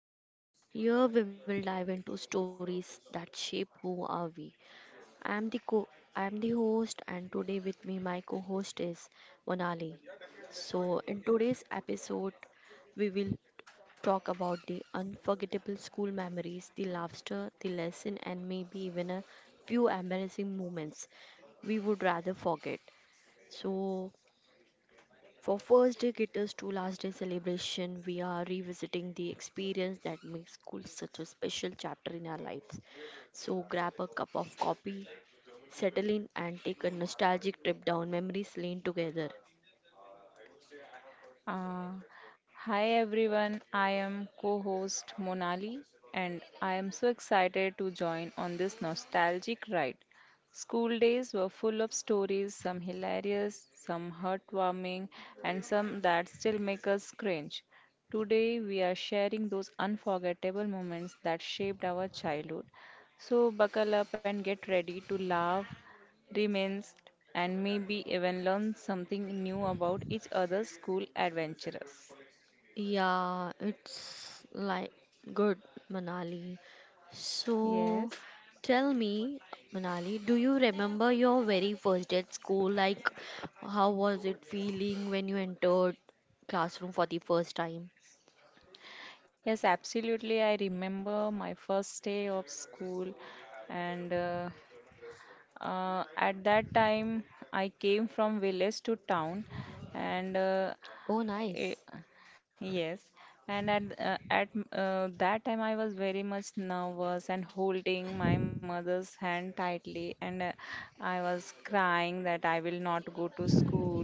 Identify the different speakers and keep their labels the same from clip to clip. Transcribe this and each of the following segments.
Speaker 1: podcast. Here we will dive into stories that shape who are we. I am the co I am the host and today with me my co-host is Monali. In today's episode we will talk about the unforgettable school memories, the laughter, the lesson and maybe even a few embarrassing moments we would rather forget. So, for first day guitars to last day celebration, we are revisiting the experience that makes school such a special chapter in our lives. So grab a cup of coffee, settle in, and take a nostalgic trip down memories lane together.
Speaker 2: Uh, Hi everyone, I am co host Monali and I am so excited to join on this nostalgic ride. School days were full of stories, some hilarious, some heartwarming, and some that still make us cringe. Today we are sharing those unforgettable moments that shaped our childhood. So buckle up and get ready to laugh, reminisce, and maybe even learn something new about each other's school adventures.
Speaker 1: Yeah, it's like good, Manali. So
Speaker 2: Yes,
Speaker 1: tell me, Manali, do you remember your very first day at school? Like, how was it feeling when you entered classroom for the first time?
Speaker 2: yes, absolutely. I remember my first day of school, and at that time, I came from village to town, and
Speaker 1: Oh, nice.
Speaker 2: eh, yes, and at that time I was very much nervous and holding my mother's hand tightly, and I was crying that I will not go to school.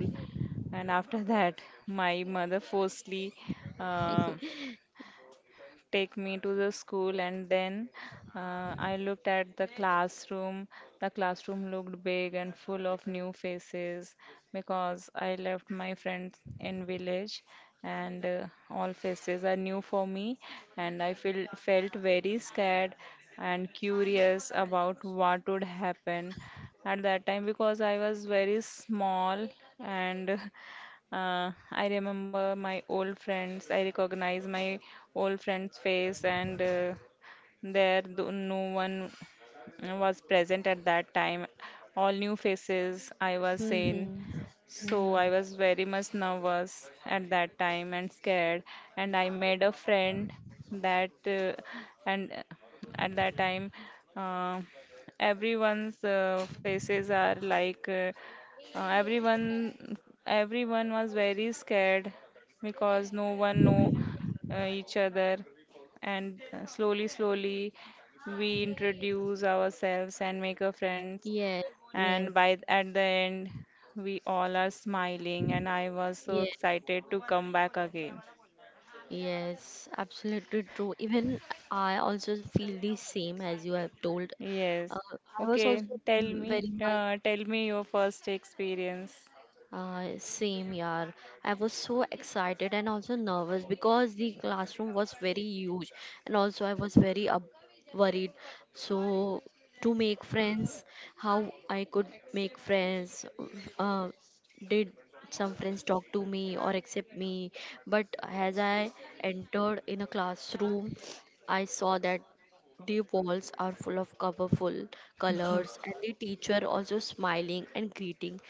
Speaker 2: And after that, my mother forcefully uh, take me to the school and then I looked at the classroom. The classroom looked big and full of new faces because I left my friends in village and all faces are new for me and I felt very scared and curious about what would happen at that time because I was very small and I remember my old friends. I recognize my old friend's face, and there no one was present at that time. All new faces I was seeing.
Speaker 1: Mm-hmm.
Speaker 2: So
Speaker 1: Mm.
Speaker 2: I was very much nervous at that time and scared. And I made a friend that, and at that time, uh, everyone's faces are like, uh, everyone, everyone was very scared because no one know each other. And Slowly, slowly, we introduce ourselves and make a friends
Speaker 1: Yes, yes,
Speaker 2: and by at the end we all are smiling and I was so
Speaker 1: yes,
Speaker 2: excited to come back again.
Speaker 1: yes. Absolutely true. Even I also feel the same as you have told. Uh,
Speaker 2: Yes.
Speaker 1: I was
Speaker 2: Okay,
Speaker 1: also very much.
Speaker 2: tell me your first experience.
Speaker 1: Same year. I was so excited and also nervous because the classroom was very huge and also I was very up worried. So to make friends, how I could make friends, uh, did some friends talk to me or accept me? But as I entered in a classroom, I saw that the walls are full of colorful colors and the teacher also smiling and greeting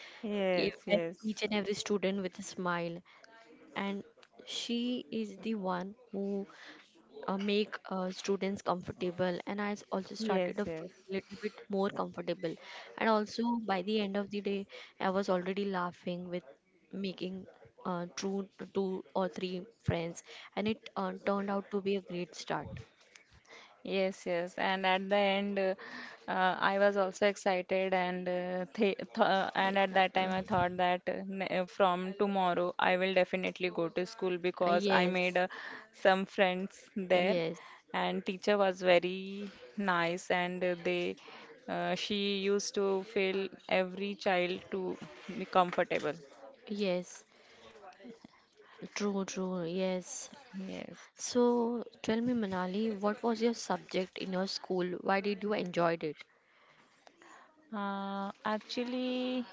Speaker 2: Yes,
Speaker 1: at
Speaker 2: yes.
Speaker 1: each and every student with a smile and she is the one who make students comfortable and also
Speaker 2: Yes,
Speaker 1: started to feel
Speaker 2: yes.
Speaker 1: a little bit more comfortable, and also by the end of the day I was already laughing with making uh, two two or three friends, and it turned out to be a great start.
Speaker 2: Yes, yes. And at the end, I was also excited, and th th
Speaker 1: Y-
Speaker 2: and at that time,
Speaker 1: uh,
Speaker 2: I thought that from tomorrow, I will definitely go to school because I made
Speaker 1: yes,
Speaker 2: some friends there,
Speaker 1: yes,
Speaker 2: and teacher was very nice, and they she used to feel every child to be comfortable.
Speaker 1: yes. True, true, yes.
Speaker 2: Yes.
Speaker 1: So tell me, Manali, what was your subject in your school? Why did you enjoyed it?
Speaker 2: Actually,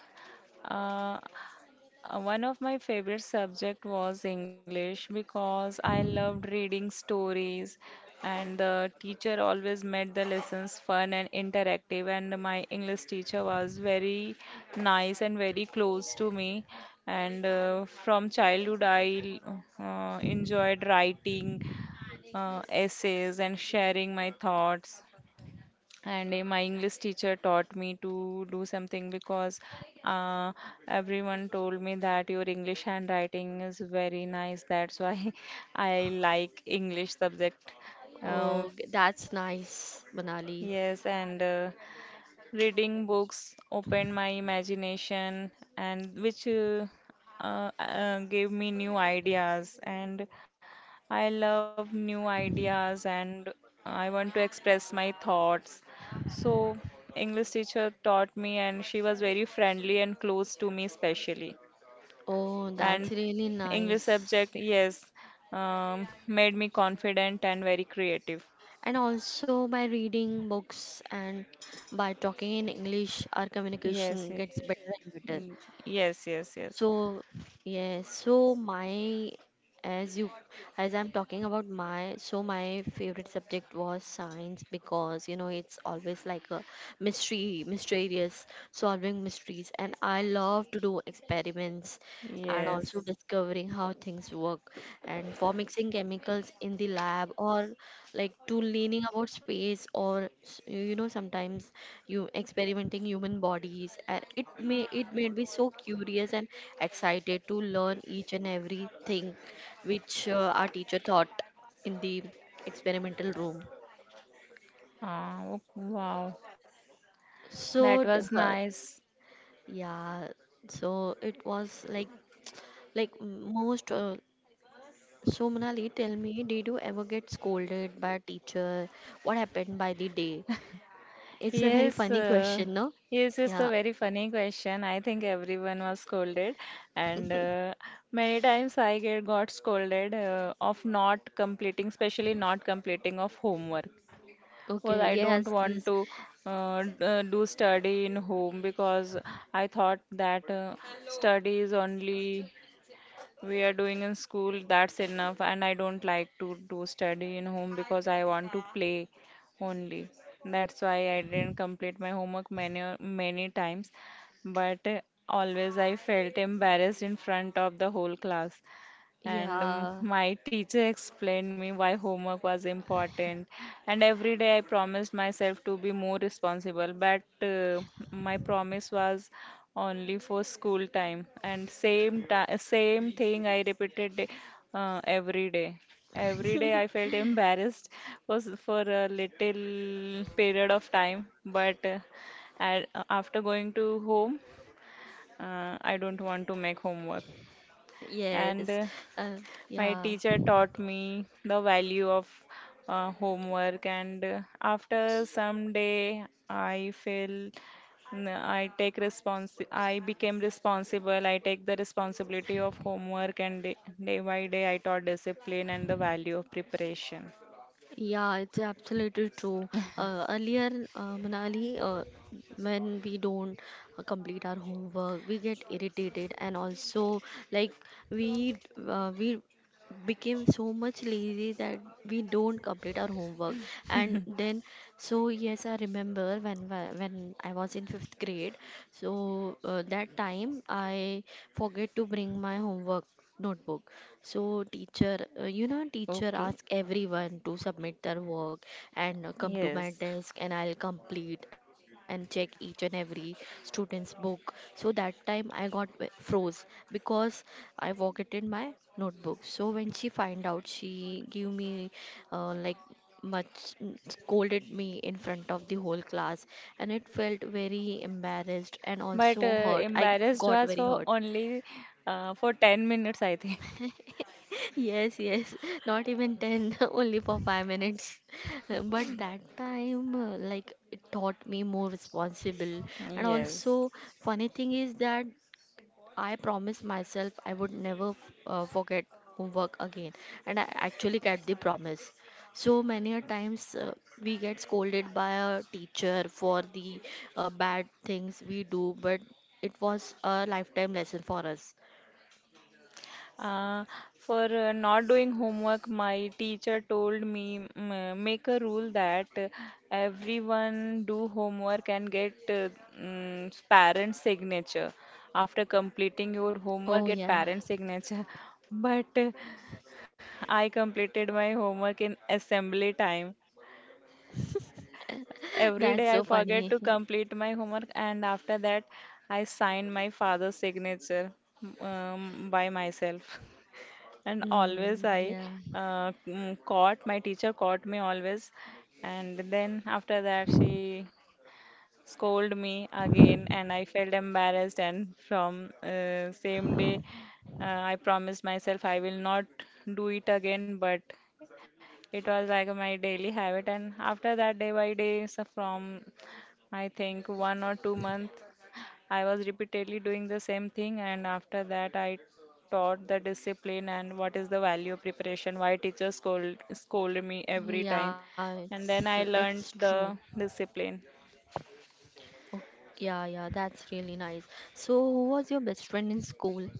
Speaker 2: uh, one of my favorite subject was English because I loved reading stories and the teacher always made the lessons fun and interactive and my English teacher was very nice and very close to me and from childhood I enjoyed writing essays and sharing my thoughts and my English teacher taught me to do something because uh, everyone told me that your English handwriting is very nice, that's why I like English subject. uh,
Speaker 1: Oh, that's nice, Manali.
Speaker 2: yes, and reading books opened my imagination and which gave me new ideas and I love new ideas and I want to express my thoughts. So, English teacher taught me and she was very friendly and close to me especially.
Speaker 1: Oh, that's
Speaker 2: And
Speaker 1: really
Speaker 2: English
Speaker 1: nice.
Speaker 2: subject, yes, made me confident and very creative.
Speaker 1: And also by reading books and by talking in English, our communication
Speaker 2: Yes,
Speaker 1: gets better and better.
Speaker 2: y- yes, yes, yes.
Speaker 1: So yes, so my as you as I'm talking about my favorite subject was science because you know it's always like a mysterious, solving mysteries, and I love to do experiments and also
Speaker 2: Yes.
Speaker 1: discovering how things work and for mixing chemicals in the lab or like to learning about space or you know sometimes you experimenting human bodies and it made me so curious and excited to learn each and everything which our teacher taught in the experimental room
Speaker 2: Ah, wow.
Speaker 1: so
Speaker 2: That
Speaker 1: d-
Speaker 2: was
Speaker 1: uh,
Speaker 2: nice.
Speaker 1: yeah so it was like most so, Manali, tell me, did you ever get scolded by a teacher? What happened by the day? It's a very
Speaker 2: Yes,
Speaker 1: funny question, no?
Speaker 2: yes, it's a
Speaker 1: Yeah.
Speaker 2: very funny question. I think everyone was scolded, and many times I get got scolded of not completing, especially not completing of homework. Well,
Speaker 1: Okay.
Speaker 2: I don't
Speaker 1: Yes.
Speaker 2: want
Speaker 1: This.
Speaker 2: to do study in home because I thought that study is only we are doing in school, that's enough. And I don't like to do study in home because I want to play only. That's why I didn't complete my homework many many times. But always I felt embarrassed in front of the whole class and
Speaker 1: Yeah.
Speaker 2: my teacher explained me why homework was important and every day I promised myself to be more responsible, but my promise was only for school time and same thing I repeated every day. Every day I felt embarrassed for, for a little period of time, but a- after going to home I don't want to make homework
Speaker 1: Yes.
Speaker 2: and
Speaker 1: Uh,
Speaker 2: my
Speaker 1: yeah.
Speaker 2: teacher taught me the value of homework, and after some day, I feel I became responsible. I take the responsibility of homework, and day by day, I taught discipline and the value of preparation.
Speaker 1: Yeah, it's absolutely true. Earlier, Manali, when we don't complete our homework, we get irritated, and also like we we became so much lazy that we don't complete our homework. And then, so yes, I remember when I was in fifth grade. So that time I forget to bring my homework notebook, so teacher, you know, teacher
Speaker 2: Okay,
Speaker 1: ask everyone to submit their work and come to my
Speaker 2: yes.
Speaker 1: desk and I'll complete and check each and every student's book. So that time I got froze because I forgotten my notebook. So when she find out, she give me like much scolded me in front of the whole class, and it felt very embarrassed and
Speaker 2: But
Speaker 1: also hurt, I
Speaker 2: Embarrassed
Speaker 1: got
Speaker 2: was
Speaker 1: very
Speaker 2: for
Speaker 1: hurt.
Speaker 2: only for 10 minutes, I think.
Speaker 1: Yes, yes, not even 10, only for 5 minutes. But that time, like, it taught me more responsible. And
Speaker 2: Yes.
Speaker 1: also, funny thing is that I promised myself I would never forget homework again. And I actually kept the promise. So many a times, we get scolded by a teacher for the bad things we do, but it was a lifetime lesson for us.
Speaker 2: Uh, for not doing homework, my teacher told me make a rule that everyone do homework and get parent signature. After completing
Speaker 1: Oh,
Speaker 2: your
Speaker 1: yeah.
Speaker 2: homework, get parent signature. But I completed my homework in assembly time.
Speaker 1: That's so
Speaker 2: Every day I
Speaker 1: funny.
Speaker 2: forget to complete my homework, and after that I sign my father's signature by myself. And always
Speaker 1: Mm,
Speaker 2: I
Speaker 1: yeah.
Speaker 2: mm, caught my teacher caught me always, and then after that she scolded me again and I felt embarrassed, and from same day I promised myself I will not do it again, but it was like my daily habit, and after that, day by day, so from I think 1 or 2 months I was repeatedly doing the same thing, and after that, I taught the discipline and what is the value of preparation, why teachers scold me every
Speaker 1: Oh,
Speaker 2: time.
Speaker 1: yeah,
Speaker 2: And then I
Speaker 1: it's
Speaker 2: learned
Speaker 1: true.
Speaker 2: the discipline.
Speaker 1: Okay, yeah, yeah, that's really nice. So, who was your best friend in school?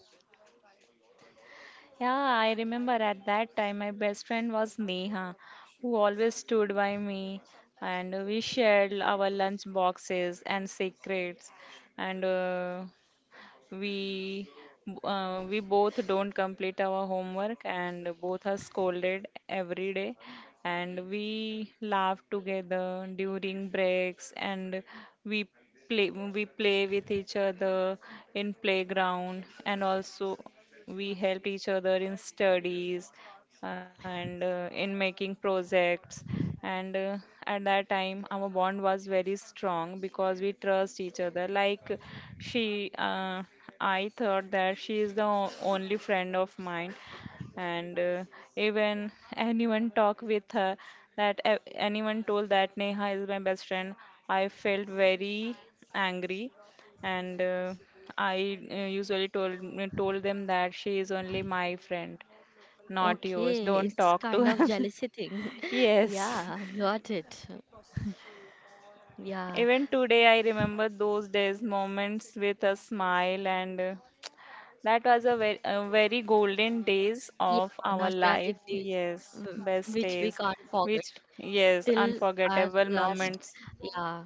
Speaker 2: Yeah, I remember at that time my best friend was Neha, who always stood by me, and we shared our lunch boxes and secrets. And We we both don't complete our homework and both are scolded every day. And we laugh together during breaks and we we play with each other in playground and also we help each other in studies and in making projects and at that time our bond was very strong because we trust each other, like she I thought that she is the only friend of mine, and even anyone talk with her, that anyone told that Neha is my best friend, I felt very angry, and I usually told them that she is only my friend, not yours.
Speaker 1: Okay,
Speaker 2: Don't
Speaker 1: it's
Speaker 2: talk
Speaker 1: kind
Speaker 2: to
Speaker 1: of
Speaker 2: him.
Speaker 1: jealousy thing.
Speaker 2: Yes.
Speaker 1: Yeah, got it. Yeah,
Speaker 2: Even today, I remember those days, moments with a smile, and that was a very golden days
Speaker 1: yeah,
Speaker 2: of our
Speaker 1: nostalgic
Speaker 2: life.
Speaker 1: days
Speaker 2: Yes, best
Speaker 1: which we
Speaker 2: days,
Speaker 1: can't forget
Speaker 2: which, yes,
Speaker 1: till our
Speaker 2: unforgettable
Speaker 1: last.
Speaker 2: moments.
Speaker 1: Yeah,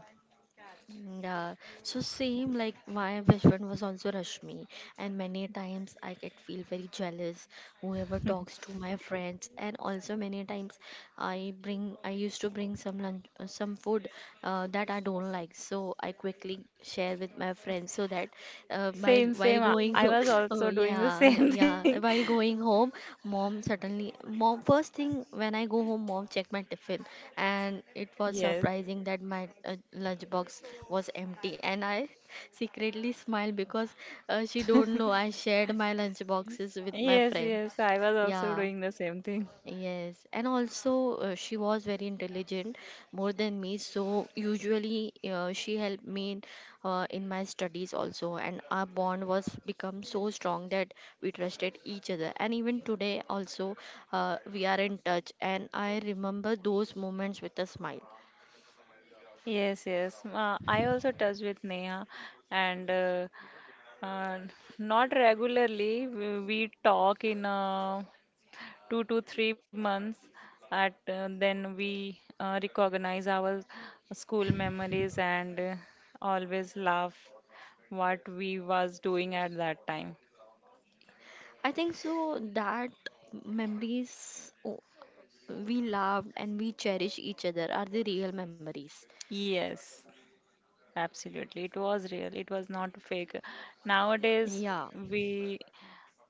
Speaker 1: mm, yeah, so same like my best friend was also Rashmi, and many times I get feel very jealous whoever talks to my friends, and also many times I used to bring some lunch some food that I don't like, so I quickly share with my friends so that
Speaker 2: Same,
Speaker 1: my
Speaker 2: same. I
Speaker 1: while
Speaker 2: I
Speaker 1: going
Speaker 2: was
Speaker 1: home
Speaker 2: also
Speaker 1: oh
Speaker 2: doing the
Speaker 1: yeah
Speaker 2: same thing.
Speaker 1: yeah while going home mom suddenly mom first thing when I go home mom check my tiffin, and it was
Speaker 2: Yes.
Speaker 1: surprising that my lunch box was empty and I secretly smiled because she don't know I shared my lunch boxes with my
Speaker 2: Yes,
Speaker 1: friend.
Speaker 2: yes, I was also
Speaker 1: Yeah.
Speaker 2: doing the same thing.
Speaker 1: Yes, and also she was very intelligent, more than me. So usually she helped me in my studies also, and our bond was become so strong that we trusted each other. And even today also, we are in touch, and I remember those moments with a smile.
Speaker 2: Yes, yes. I also touch with Neha, and uh, not regularly. We talk in 2 to 3 months. At Then we recognize our school memories and always laugh what we was doing at that time.
Speaker 1: I think so that memories, oh, we loved and we cherish each other are the real memories.
Speaker 2: Yes, absolutely. It was real. It was not fake. Nowadays,
Speaker 1: Yeah.
Speaker 2: we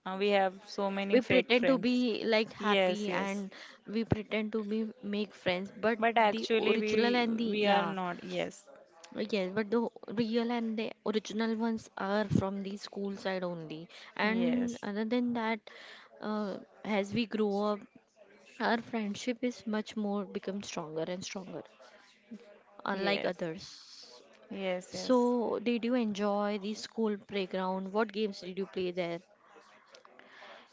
Speaker 2: We have so
Speaker 1: We
Speaker 2: many
Speaker 1: pretend
Speaker 2: fake
Speaker 1: to be
Speaker 2: friends.
Speaker 1: like happy
Speaker 2: Yes,
Speaker 1: and
Speaker 2: yes.
Speaker 1: we pretend to be make friends but
Speaker 2: But
Speaker 1: the
Speaker 2: actually,
Speaker 1: original and the
Speaker 2: we are
Speaker 1: yeah
Speaker 2: not. Yes,
Speaker 1: yes but the real and the original ones are from the school side only, and
Speaker 2: yes,
Speaker 1: other than that uh, as we grow up our friendship is much more become stronger and stronger unlike
Speaker 2: yes,
Speaker 1: others.
Speaker 2: yes, yes.
Speaker 1: So did you enjoy the school playground? What games did you play there?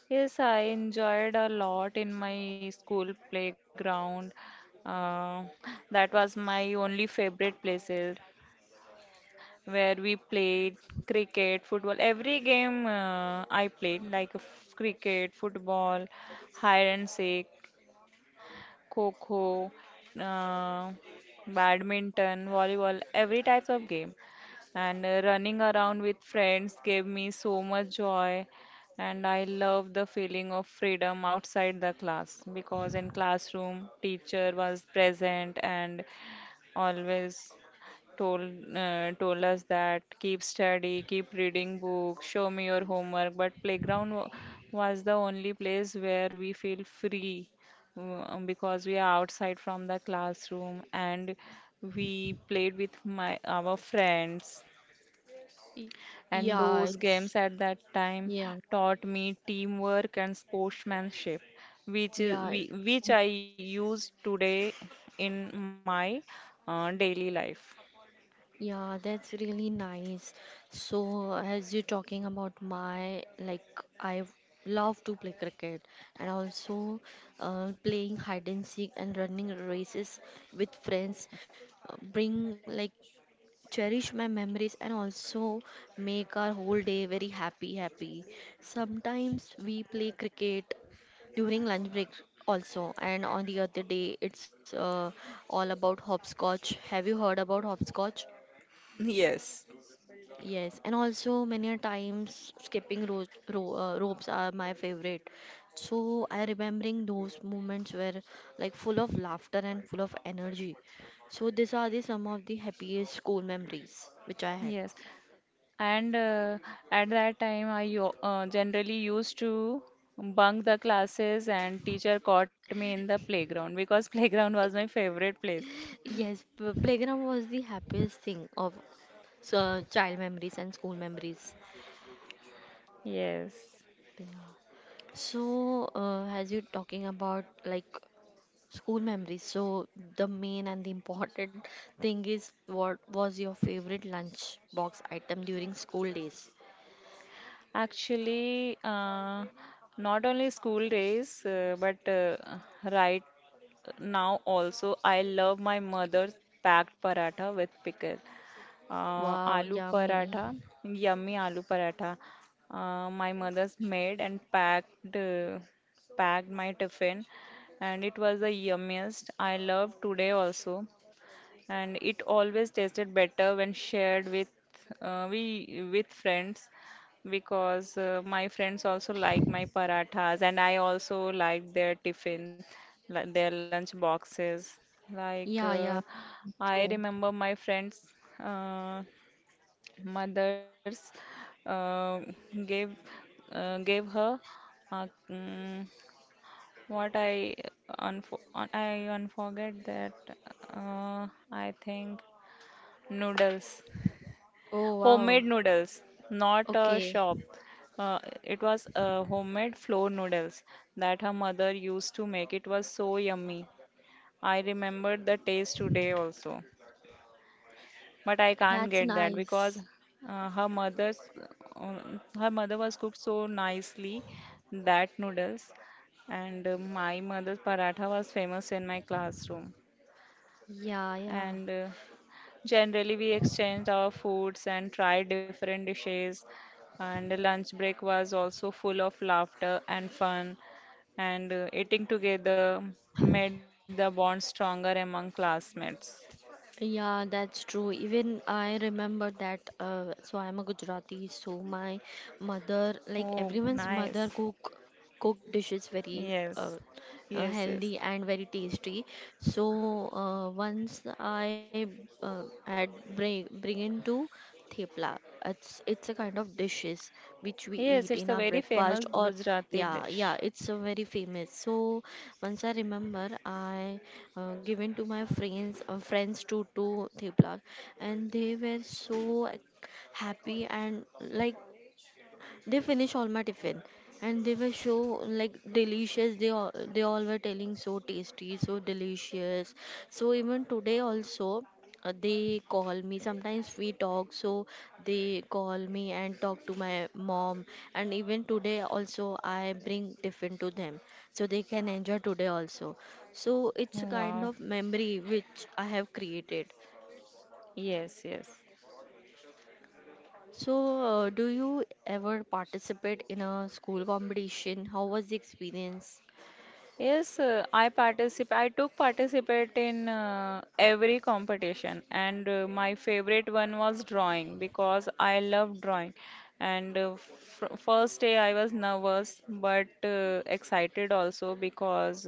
Speaker 2: Yes, I enjoyed a lot in my school playground. Uh, that was my only favorite places where we played cricket, football. Every game I played, like cricket, football, hide and seek. Coco, uh, badminton, volleyball, every types of game. And Running around with friends gave me so much joy. And I love the feeling of freedom outside the class because in classroom, teacher was present and always told told us that keep study, keep reading books, show me your homework. But was the only place where we feel free because we are outside from the classroom and we played with my our friends.
Speaker 1: Y-
Speaker 2: And
Speaker 1: yeah
Speaker 2: those
Speaker 1: it's
Speaker 2: games at that time
Speaker 1: yeah.
Speaker 2: taught me teamwork and sportsmanship, which is,
Speaker 1: Yeah,
Speaker 2: which I use today in my daily life.
Speaker 1: yeah, that's really nice. So, as you're talking about my, like, I love to play cricket and also playing hide and seek and running races with friends, bring like cherish my memories and also make our whole day very happy. Sometimes we play cricket during lunch break also, and on the other day it's all about hopscotch. Have you heard about hopscotch?
Speaker 2: Yes.
Speaker 1: Yes, and also many a times ropes are my favorite. So I remembering those moments were like full of laughter and full of energy. So these are the some of the happiest school memories which I had.
Speaker 2: Yes, and at that time, I generally used to bunk the classes, and teacher caught me in the playground because playground was my favorite place.
Speaker 1: Yes, playground was the happiest thing of so, child memories and school memories.
Speaker 2: Yes,
Speaker 1: Yeah. So, as you are talking about like school memories, so the main and the important thing is what was your favorite lunch box item during school days?
Speaker 2: actually, not only school days, but right now also, I love my mother's packed paratha with pickle.
Speaker 1: Wow,
Speaker 2: Aloo
Speaker 1: yummy.
Speaker 2: paratha, yummy aloo paratha. My mother's made and packed packed my tiffin, and it was the yummiest. I love today also, and it always tasted better when shared with we with friends because my friends also like my parathas and I also like their tiffin, their lunch boxes. Like
Speaker 1: Yeah, yeah,
Speaker 2: I
Speaker 1: true.
Speaker 2: remember my friends. Uh, Mothers uh, gave gave her uh, mm, what I unfo un- I unforget that. uh, I think noodles,
Speaker 1: Oh, wow.
Speaker 2: homemade noodles, not a
Speaker 1: Okay,
Speaker 2: shop. It was homemade flour noodles that her mother used to make. It was so yummy, I remember the taste today also, but I can't
Speaker 1: that's
Speaker 2: get that because
Speaker 1: nice.
Speaker 2: uh, her mother's her mother was cooked so nicely that noodles. And my mother's paratha was famous in my classroom.
Speaker 1: Yeah, yeah.
Speaker 2: And generally we exchanged our foods and tried different dishes, and the lunch break was also full of laughter and fun, and eating together made the bond stronger among classmates.
Speaker 1: Yeah, that's true. Even I remember that. So I'm a Gujarati, so my mother,
Speaker 2: Oh,
Speaker 1: like everyone's
Speaker 2: nice.
Speaker 1: mother, cook dishes very
Speaker 2: Yes, yes, yes.
Speaker 1: healthy and very tasty. So once I had bring into Thepla. It's a kind of dishes which we
Speaker 2: Yes,
Speaker 1: eat in
Speaker 2: it's a
Speaker 1: our
Speaker 2: very
Speaker 1: breakfast
Speaker 2: famous
Speaker 1: or
Speaker 2: Gujarati
Speaker 1: yeah
Speaker 2: dish.
Speaker 1: yeah it's a very famous. So once I remember I given to my friends to Thepla, and they were so, like, happy, and like they finish all my tiffin, and they were so like delicious, they all were telling so tasty so delicious. So even today also they call me, sometimes we talk. So they call me and talk to my mom, and even today also I bring tiffin to them so they can enjoy today also. So it's a
Speaker 2: Wow.
Speaker 1: kind of memory which I have created.
Speaker 2: Yes, yes.
Speaker 1: So, do you ever participate in a school competition? How was the experience?
Speaker 2: Yes, I participate. I took participate in every competition, and my favorite one was drawing because I love drawing. And fr first day I was nervous but excited also, because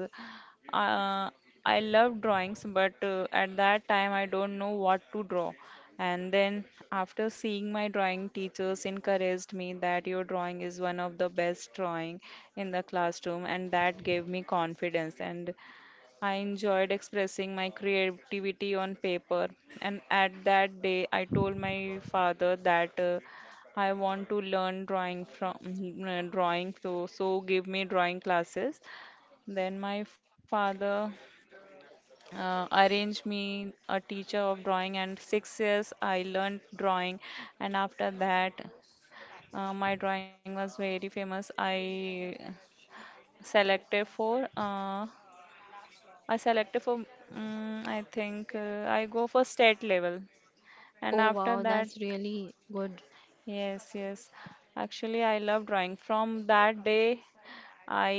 Speaker 2: uh, I love drawings, but at that time I don't know what to draw. And then after seeing my drawing, teachers encouraged me that your drawing is one of the best drawing in the classroom, and that gave me confidence, and I enjoyed expressing my creativity on paper. And at that day I told my father that I want to learn drawing from drawing, so give me drawing classes. Then my father arranged me a teacher of drawing, and 6 years I learned drawing. And after that my drawing was very famous. Selected for uh, I selected for I think I go for state level. And
Speaker 1: Oh
Speaker 2: after
Speaker 1: wow,
Speaker 2: that,
Speaker 1: that's really good.
Speaker 2: yes, yes, actually I love drawing from that day. I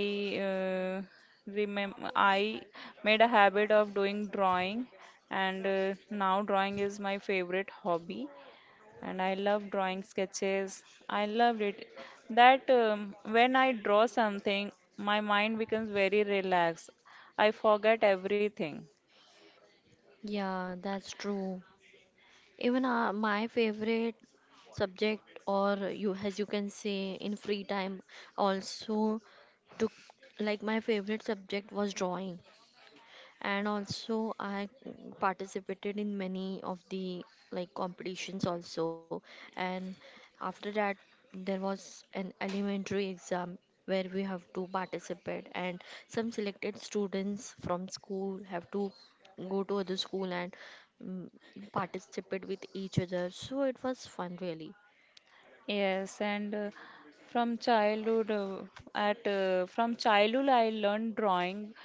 Speaker 2: uh, remember I made a habit of doing drawing, and now drawing is my favorite hobby. And I love drawing sketches. I loved it. That when I draw something, my mind becomes very relaxed. I forget everything.
Speaker 1: Yeah, that's true. Even my favorite subject, or you as you can say, in free time, also took like my favorite subject was drawing, and also I participated in many of the like competitions also, and after that there was an elementary exam where we have to participate, and some selected students from school have to go to other school and mm, participate with each other, so it was fun really.
Speaker 2: Yes, and from childhood, uh, from childhood I learned drawing,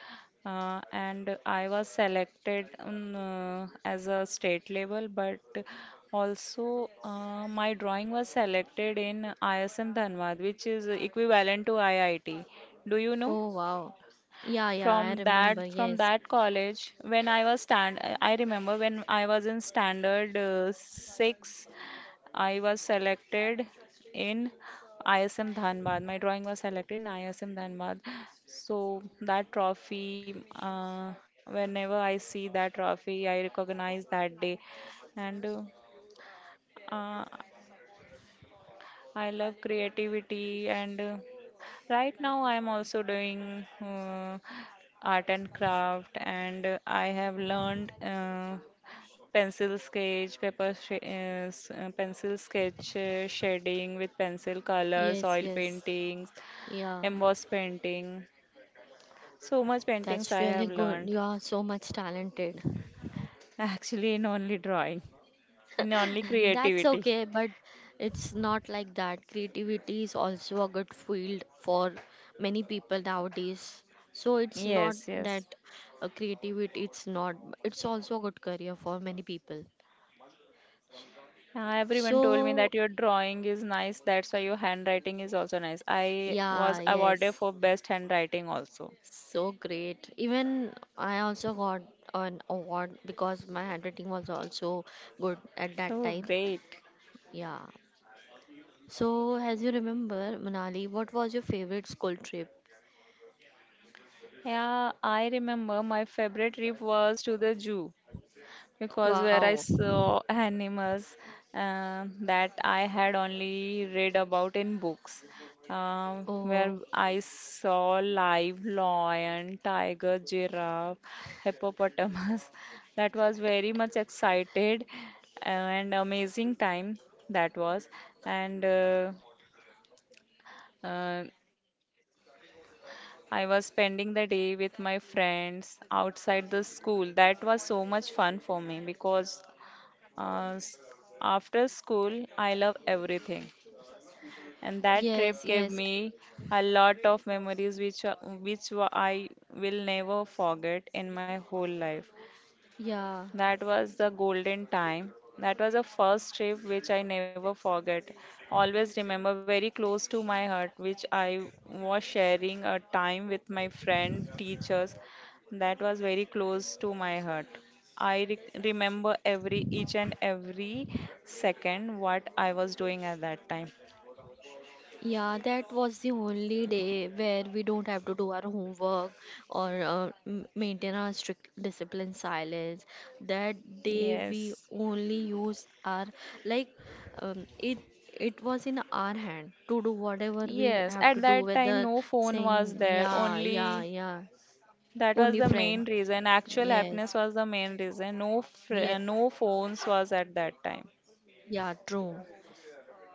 Speaker 2: and I was selected as a state level. But also, my drawing was selected in ISM Dhanbad, which is equivalent to IIT. Do you know?
Speaker 1: Oh wow, yeah yeah I
Speaker 2: from
Speaker 1: remember.
Speaker 2: that from
Speaker 1: Yes
Speaker 2: that college, when I was in standard 6, I was selected in ISM Dhanbad. My drawing was selected in ISM Dhanbad. So that trophy, uh, whenever I see that trophy, I recognize that day. And uh, uh, I love creativity, and right now I'm also doing art and craft, and I have learned pencil sketch, pencil sketch, shading with pencil
Speaker 1: yes
Speaker 2: colors,
Speaker 1: yes
Speaker 2: oil paintings,
Speaker 1: yeah
Speaker 2: emboss painting. So much
Speaker 1: that's
Speaker 2: paintings I
Speaker 1: really
Speaker 2: have
Speaker 1: good, you
Speaker 2: learned.
Speaker 1: are so much talented.
Speaker 2: Actually, in only drawing, in only
Speaker 1: That's
Speaker 2: creativity.
Speaker 1: okay, but it's not like that. Creativity is also a good field for many people nowadays. So it's not
Speaker 2: Yes,
Speaker 1: that
Speaker 2: yes.
Speaker 1: creativity, it's not, it's also a good career for many people.
Speaker 2: Yeah, everyone told me
Speaker 1: So,
Speaker 2: that your drawing is nice, that's why your handwriting is also nice. I
Speaker 1: yeah,
Speaker 2: was awarded
Speaker 1: yes,
Speaker 2: for best handwriting also.
Speaker 1: so great. Even I also got an award because my handwriting was also good at that
Speaker 2: So
Speaker 1: time.
Speaker 2: great.
Speaker 1: Yeah. So, as you remember, Manali, what was your favorite school trip?
Speaker 2: Yeah, I remember my favorite trip was to the zoo, because where
Speaker 1: Wow.
Speaker 2: I saw animals that I had only read about in books,
Speaker 1: Oh,
Speaker 2: where I saw live lion, tiger, giraffe, hippopotamus. That was very much excited and amazing time that was. And uh, I was spending the day with my friends outside the school. That was so much fun for me because uh, s- after school, I love everything, and that trip
Speaker 1: yes,
Speaker 2: gave
Speaker 1: yes,
Speaker 2: me a lot of memories which I will never forget in my whole life.
Speaker 1: yeah,
Speaker 2: That was the golden time. That was a first trip which I never forget. Always remember very close to my heart, which I was sharing a time with my friend, teachers. That was very close to my heart. I remember every each and every second what I was doing at that time.
Speaker 1: yeah. That was the only day where we don't have to do our homework or maintain our strict discipline silence. That day we
Speaker 2: Yes.
Speaker 1: only use our like it. It was in our hand to do whatever we
Speaker 2: Yes,
Speaker 1: have
Speaker 2: at
Speaker 1: to do,
Speaker 2: that
Speaker 1: whether
Speaker 2: time no phone was
Speaker 1: saying
Speaker 2: there,
Speaker 1: yeah, yeah,
Speaker 2: only.
Speaker 1: yeah,
Speaker 2: That was
Speaker 1: only
Speaker 2: the
Speaker 1: friends.
Speaker 2: main reason. Actual
Speaker 1: Yes,
Speaker 2: happiness was the main reason. No,
Speaker 1: yeah,
Speaker 2: no phones was at that time.
Speaker 1: yeah, true.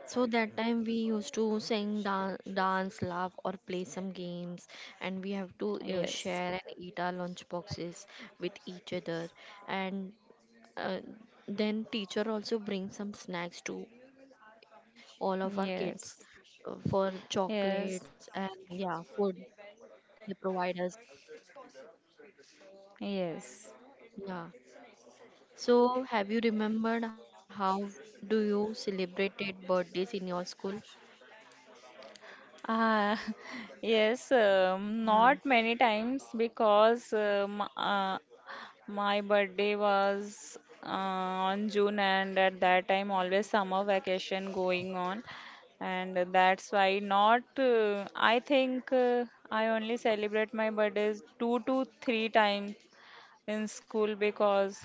Speaker 1: So that time we used to sing, dance, laugh, or play some games, and we have to
Speaker 2: Yes,
Speaker 1: share and eat our lunch boxes with each other. And uh, then teacher also brings some snacks to all of our kids,
Speaker 2: yes,
Speaker 1: for
Speaker 2: yes,
Speaker 1: chocolates and yeah, food they provide us.
Speaker 2: yes.
Speaker 1: Yeah. So have you remembered how do you celebrated birthdays in your school?
Speaker 2: Ah, yes. Not
Speaker 1: Yeah.
Speaker 2: many times because my birthday was uh, on June, and at that time always summer vacation going on, and that's why not. I think I only celebrate my birthdays 2 to 3 times in school because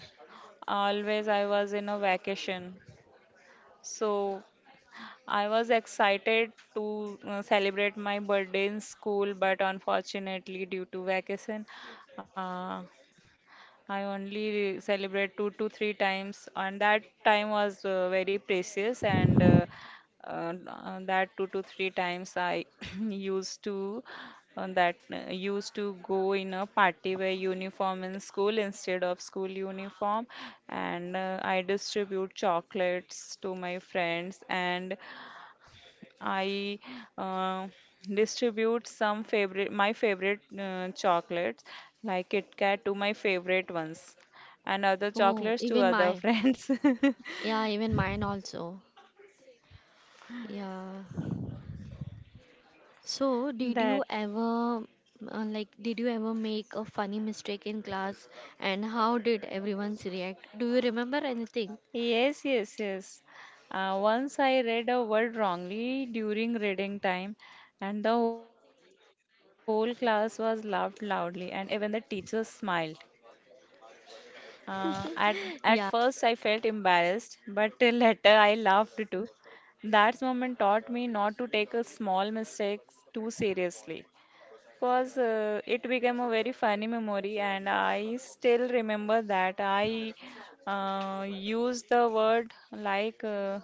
Speaker 2: always I was in a vacation. So I was excited to celebrate my birthday in school, but unfortunately, due to vacation, uh, I only celebrate 2 to 3 times, and that time was very precious. And That 2 to 3 times I used to that used to go in a party wear uniform in school instead of school uniform, and I distribute chocolates to my friends. And I uh, distribute some favorite my favorite chocolates like Kit Kat to my favorite ones, and other
Speaker 1: Oh,
Speaker 2: chocolates to
Speaker 1: even
Speaker 2: other
Speaker 1: mine.
Speaker 2: friends.
Speaker 1: Yeah, even mine also. Yeah. So, did
Speaker 2: That.
Speaker 1: you ever like did you ever make a funny mistake in class and how did everyone's react? Do you remember anything?
Speaker 2: Yes, yes, yes. Once I read a word wrongly during reading time, and the whole class was laughed loudly, and even the teacher smiled. Uh, at at first, I
Speaker 1: Yeah.
Speaker 2: felt embarrassed, but later I laughed too. That moment taught me not to take a small mistakes too seriously, cause it became a very funny memory, and I still remember that I used the word like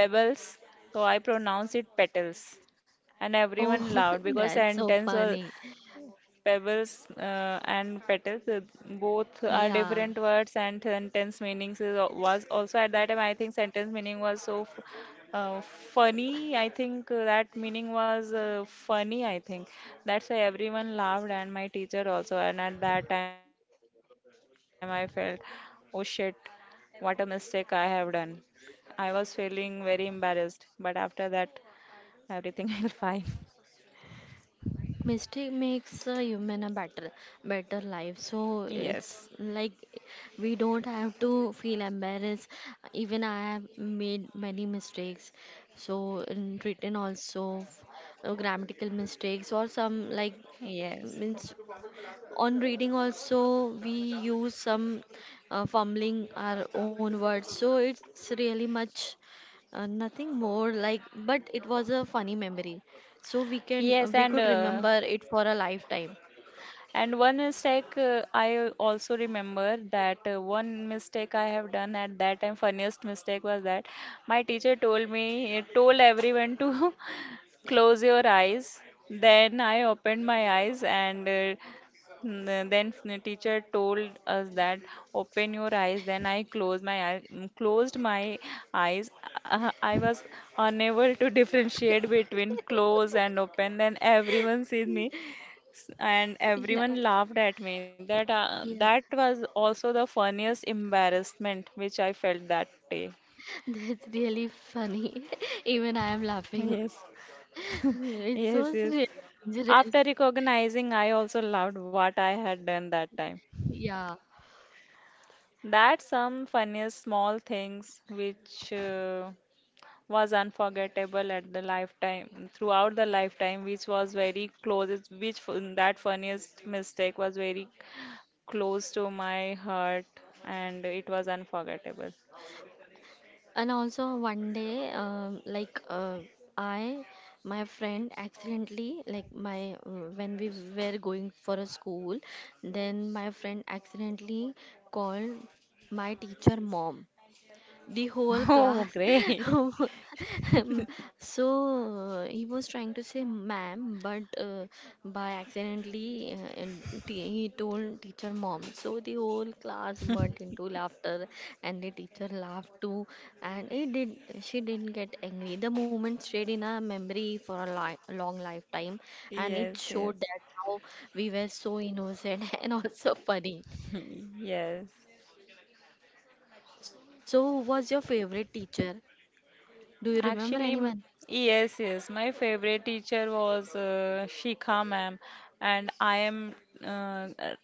Speaker 2: pebbles, so I pronounce it petals, and
Speaker 1: Oh,
Speaker 2: everyone laughed because
Speaker 1: that's so
Speaker 2: sentence
Speaker 1: funny.
Speaker 2: was pebbles and petals. Both are
Speaker 1: Yeah.
Speaker 2: different words, and sentence meanings is, was also. At that time I think sentence meaning was so funny, I think. That meaning was funny, I think. That's why everyone laughed, and my teacher also. And at that time I felt, oh shit, what a mistake I have done. I was feeling very embarrassed, but after that everything will fine.
Speaker 1: Mistake makes a human a better, better life. So
Speaker 2: Yes,
Speaker 1: it's like we don't have to feel embarrassed. Even I have made many mistakes. So in written also, grammatical mistakes or some like
Speaker 2: yes.
Speaker 1: means on reading also we use some fumbling our own words, so it's really much, nothing more like, but it was a funny memory, so we can
Speaker 2: Yes,
Speaker 1: we
Speaker 2: and
Speaker 1: could remember it for a lifetime.
Speaker 2: One mistake I also remember that one mistake I have done at that time, funniest mistake was that my teacher told me, told everyone to close your eyes. Then I opened my eyes, and then the teacher told us that open your eyes. Then I closed my eyes, closed my eyes. I was unable to differentiate between close and open. Then everyone sees me and
Speaker 1: Yeah,
Speaker 2: everyone laughed at me. That
Speaker 1: yeah.
Speaker 2: was also the funniest embarrassment which I felt that day.
Speaker 1: That's really funny. Even I am laughing.
Speaker 2: Yes,
Speaker 1: It
Speaker 2: yes,
Speaker 1: was
Speaker 2: yes.
Speaker 1: really dangerous.
Speaker 2: After recognizing, I also loved what I had done that time.
Speaker 1: Yeah.
Speaker 2: That's some funniest small things which was unforgettable at the lifetime throughout the lifetime, which was very close. That funniest mistake was very close to my heart, and it was unforgettable.
Speaker 1: And also one day, like I, my friend accidentally, like my when we were going for a school, then my friend accidentally called my teacher mom, the whole
Speaker 2: Oh,
Speaker 1: class.
Speaker 2: great.
Speaker 1: Um, so he was trying to say ma'am, but by accidentally, he told teacher mom, so the whole class burst into laughter and the teacher laughed too, and it did, she didn't get angry. The moment stayed in her memory for a long lifetime, and
Speaker 2: Yes,
Speaker 1: it
Speaker 2: yes.
Speaker 1: showed that how we were so innocent and also funny.
Speaker 2: Yes.
Speaker 1: So who was your favorite teacher? Do you remember
Speaker 2: Actually, m-
Speaker 1: anyone?
Speaker 2: yes, yes. My favorite teacher was Shikha ma'am, and I am uh, uh,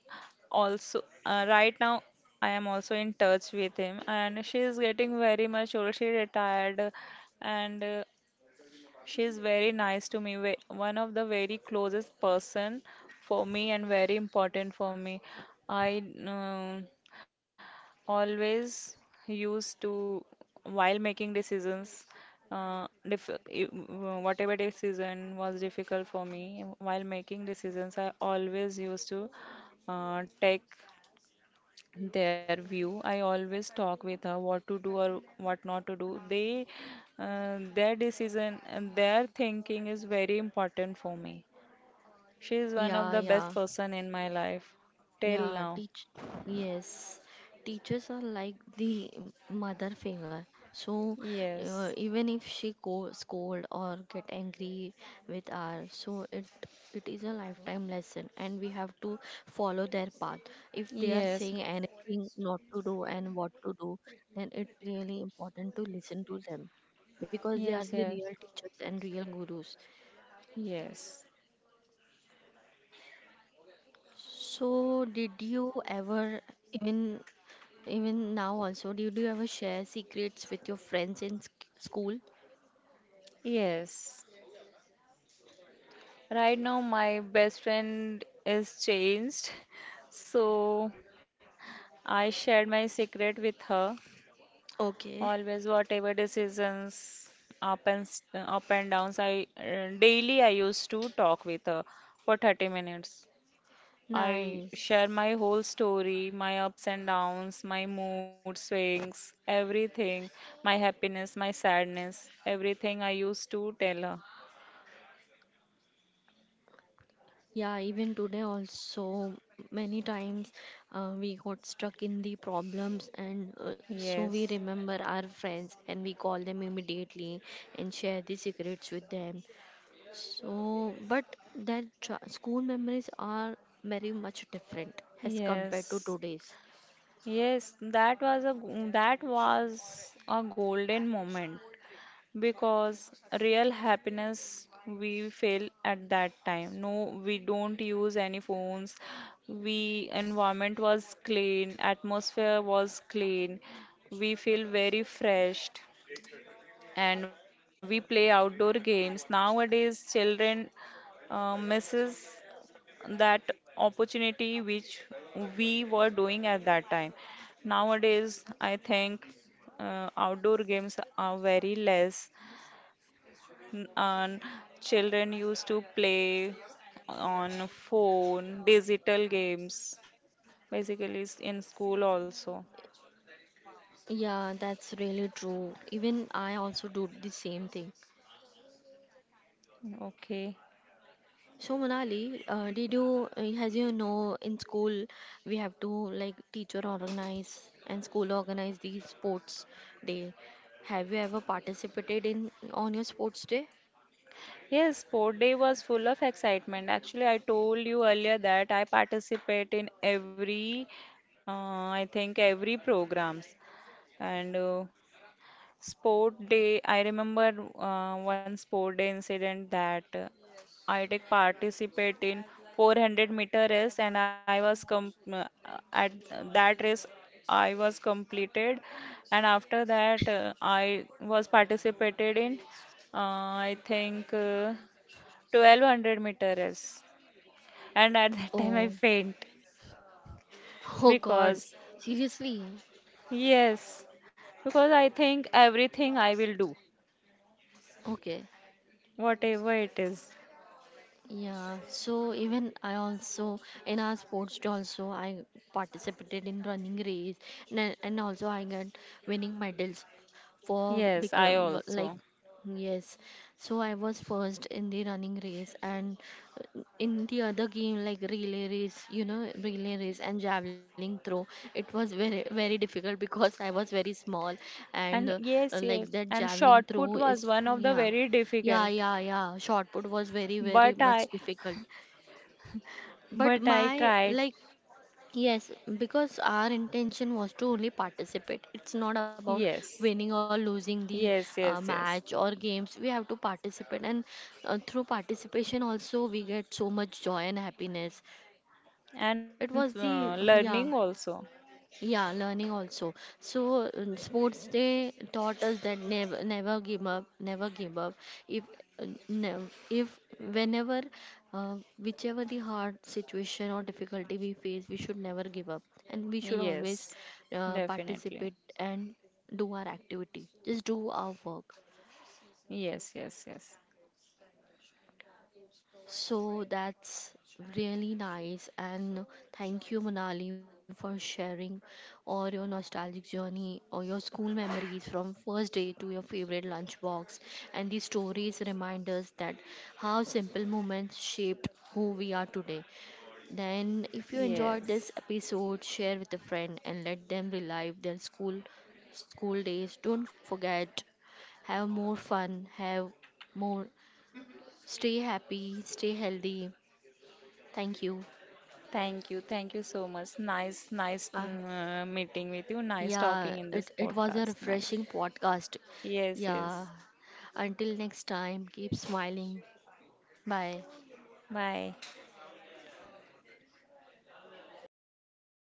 Speaker 2: also right now I am also in touch with him, and she is getting very much old. She retired, and she is very nice to me. One of the very closest person for me and very important for me. I always used to, while making decisions, whatever decision was difficult for me. While making decisions, I always used to take their view. I always talk with her what to do or what not to do. They Their decision and their thinking is very important for me. She is one of
Speaker 1: Yeah,
Speaker 2: the best
Speaker 1: yeah,
Speaker 2: person in my life till
Speaker 1: yeah.
Speaker 2: now.
Speaker 1: Yes, teachers are like the mother finger. So
Speaker 2: Yes,
Speaker 1: even if she go scold or get angry with her, so it is a lifetime lesson, and we have to follow their path. If they are
Speaker 2: yes,
Speaker 1: saying anything not to do and what to do, then it's really important to listen to them, because they are
Speaker 2: yes,
Speaker 1: the
Speaker 2: yes.
Speaker 1: real teachers and real gurus.
Speaker 2: Yes.
Speaker 1: So, did you ever even, even now, also, did you ever share secrets with your friends in school?
Speaker 2: Yes. Right now, my best friend is changed. So I shared my secret with her.
Speaker 1: Okay.
Speaker 2: Always, whatever decisions, up and downs, I daily I used to talk with her for 30 minutes. I
Speaker 1: Nice.
Speaker 2: share my whole story, my ups and downs, my mood swings, everything, my happiness, my sadness, everything I used to tell her.
Speaker 1: Yeah, even today, also, many times, we got stuck in the problems, and so we
Speaker 2: Yes.
Speaker 1: remember our friends and we call them immediately and share the secrets with them. So, but that school memories are very much different as compared to
Speaker 2: Yes,
Speaker 1: today's.
Speaker 2: yes, that was a that was a golden moment because real happiness we feel at that time. No, we don't use any phones. We environment was clean, atmosphere was clean. We feel very fresh, and we play outdoor games. Nowadays, children misses that opportunity which we were doing at that time. Nowadays, I think outdoor games are very less, and children used to play on phone, digital games, in school also.
Speaker 1: Yeah, that's really true. Even I also do the same thing.
Speaker 2: Okay.
Speaker 1: So Monali, as you know, in school we have to like teacher organize and school organize the sports day. Have you ever participated in on your sports day?
Speaker 2: Yes, sport day was full of excitement. Actually, I told you earlier that I participate in every, uh, I think every programs, and sport day, I remember one sport day incident that I did participate in 400-meter race, and I was com at that race I was completed. And after that I was participated in I think 1200 meter race, and at that time
Speaker 1: Oh,
Speaker 2: I faint
Speaker 1: oh God,
Speaker 2: because,
Speaker 1: seriously?
Speaker 2: yes, because I think everything I will do,
Speaker 1: Okay.
Speaker 2: whatever it is.
Speaker 1: Yeah, so even I also in our sports day also I participated in running race, and also I got winning medals for
Speaker 2: Yes, I
Speaker 1: become like,
Speaker 2: also.
Speaker 1: yes. So I was first in the running race, and in the other game like relay race, you know, relay race and javelin throw. It was very very difficult because I was very small, and
Speaker 2: And yes,
Speaker 1: like
Speaker 2: yes.
Speaker 1: that
Speaker 2: And
Speaker 1: javelin
Speaker 2: shot put
Speaker 1: throw
Speaker 2: was
Speaker 1: is,
Speaker 2: one of the
Speaker 1: yeah
Speaker 2: very
Speaker 1: yeah,
Speaker 2: difficult.
Speaker 1: yeah, yeah. Short put was very,
Speaker 2: But
Speaker 1: very
Speaker 2: I,
Speaker 1: much difficult.
Speaker 2: but
Speaker 1: But
Speaker 2: I
Speaker 1: my,
Speaker 2: tried.
Speaker 1: like, yes, because our intention was to only participate. It's not about
Speaker 2: Yes,
Speaker 1: winning or losing the
Speaker 2: yes, yes,
Speaker 1: match or
Speaker 2: yes.
Speaker 1: games. We have to participate, and through participation, also, we get so much joy and happiness.
Speaker 2: And
Speaker 1: It was the,
Speaker 2: learning
Speaker 1: yeah.
Speaker 2: also.
Speaker 1: Yeah, learning also. So sports day taught us that never, never give up, never give up. If if whenever, whichever the hard situation or difficulty we face, we should never give up, and we should always
Speaker 2: Yes,
Speaker 1: participate
Speaker 2: definitely.
Speaker 1: and do our activity. Just do our work.
Speaker 2: Yes, yes, yes.
Speaker 1: So that's really nice. And thank you, Manali, for sharing all your nostalgic journey or your school memories from first day to your favorite lunchbox. And these stories remind us that how simple moments shaped who we are today. Then, if you enjoyed this
Speaker 2: Yes.
Speaker 1: episode, share with a friend and let them relive their school days. Don't forget, have more fun, have more stay happy, stay healthy. Thank you.
Speaker 2: Thank you. Thank you so much. Nice,
Speaker 1: Uh,
Speaker 2: nice meeting with you.
Speaker 1: yeah,
Speaker 2: Nice talking
Speaker 1: it
Speaker 2: in this
Speaker 1: was a
Speaker 2: podcast.
Speaker 1: refreshing
Speaker 2: Nice.
Speaker 1: podcast.
Speaker 2: Yes,
Speaker 1: Yeah.
Speaker 2: yes.
Speaker 1: Until next time, keep smiling. Bye.
Speaker 2: Bye.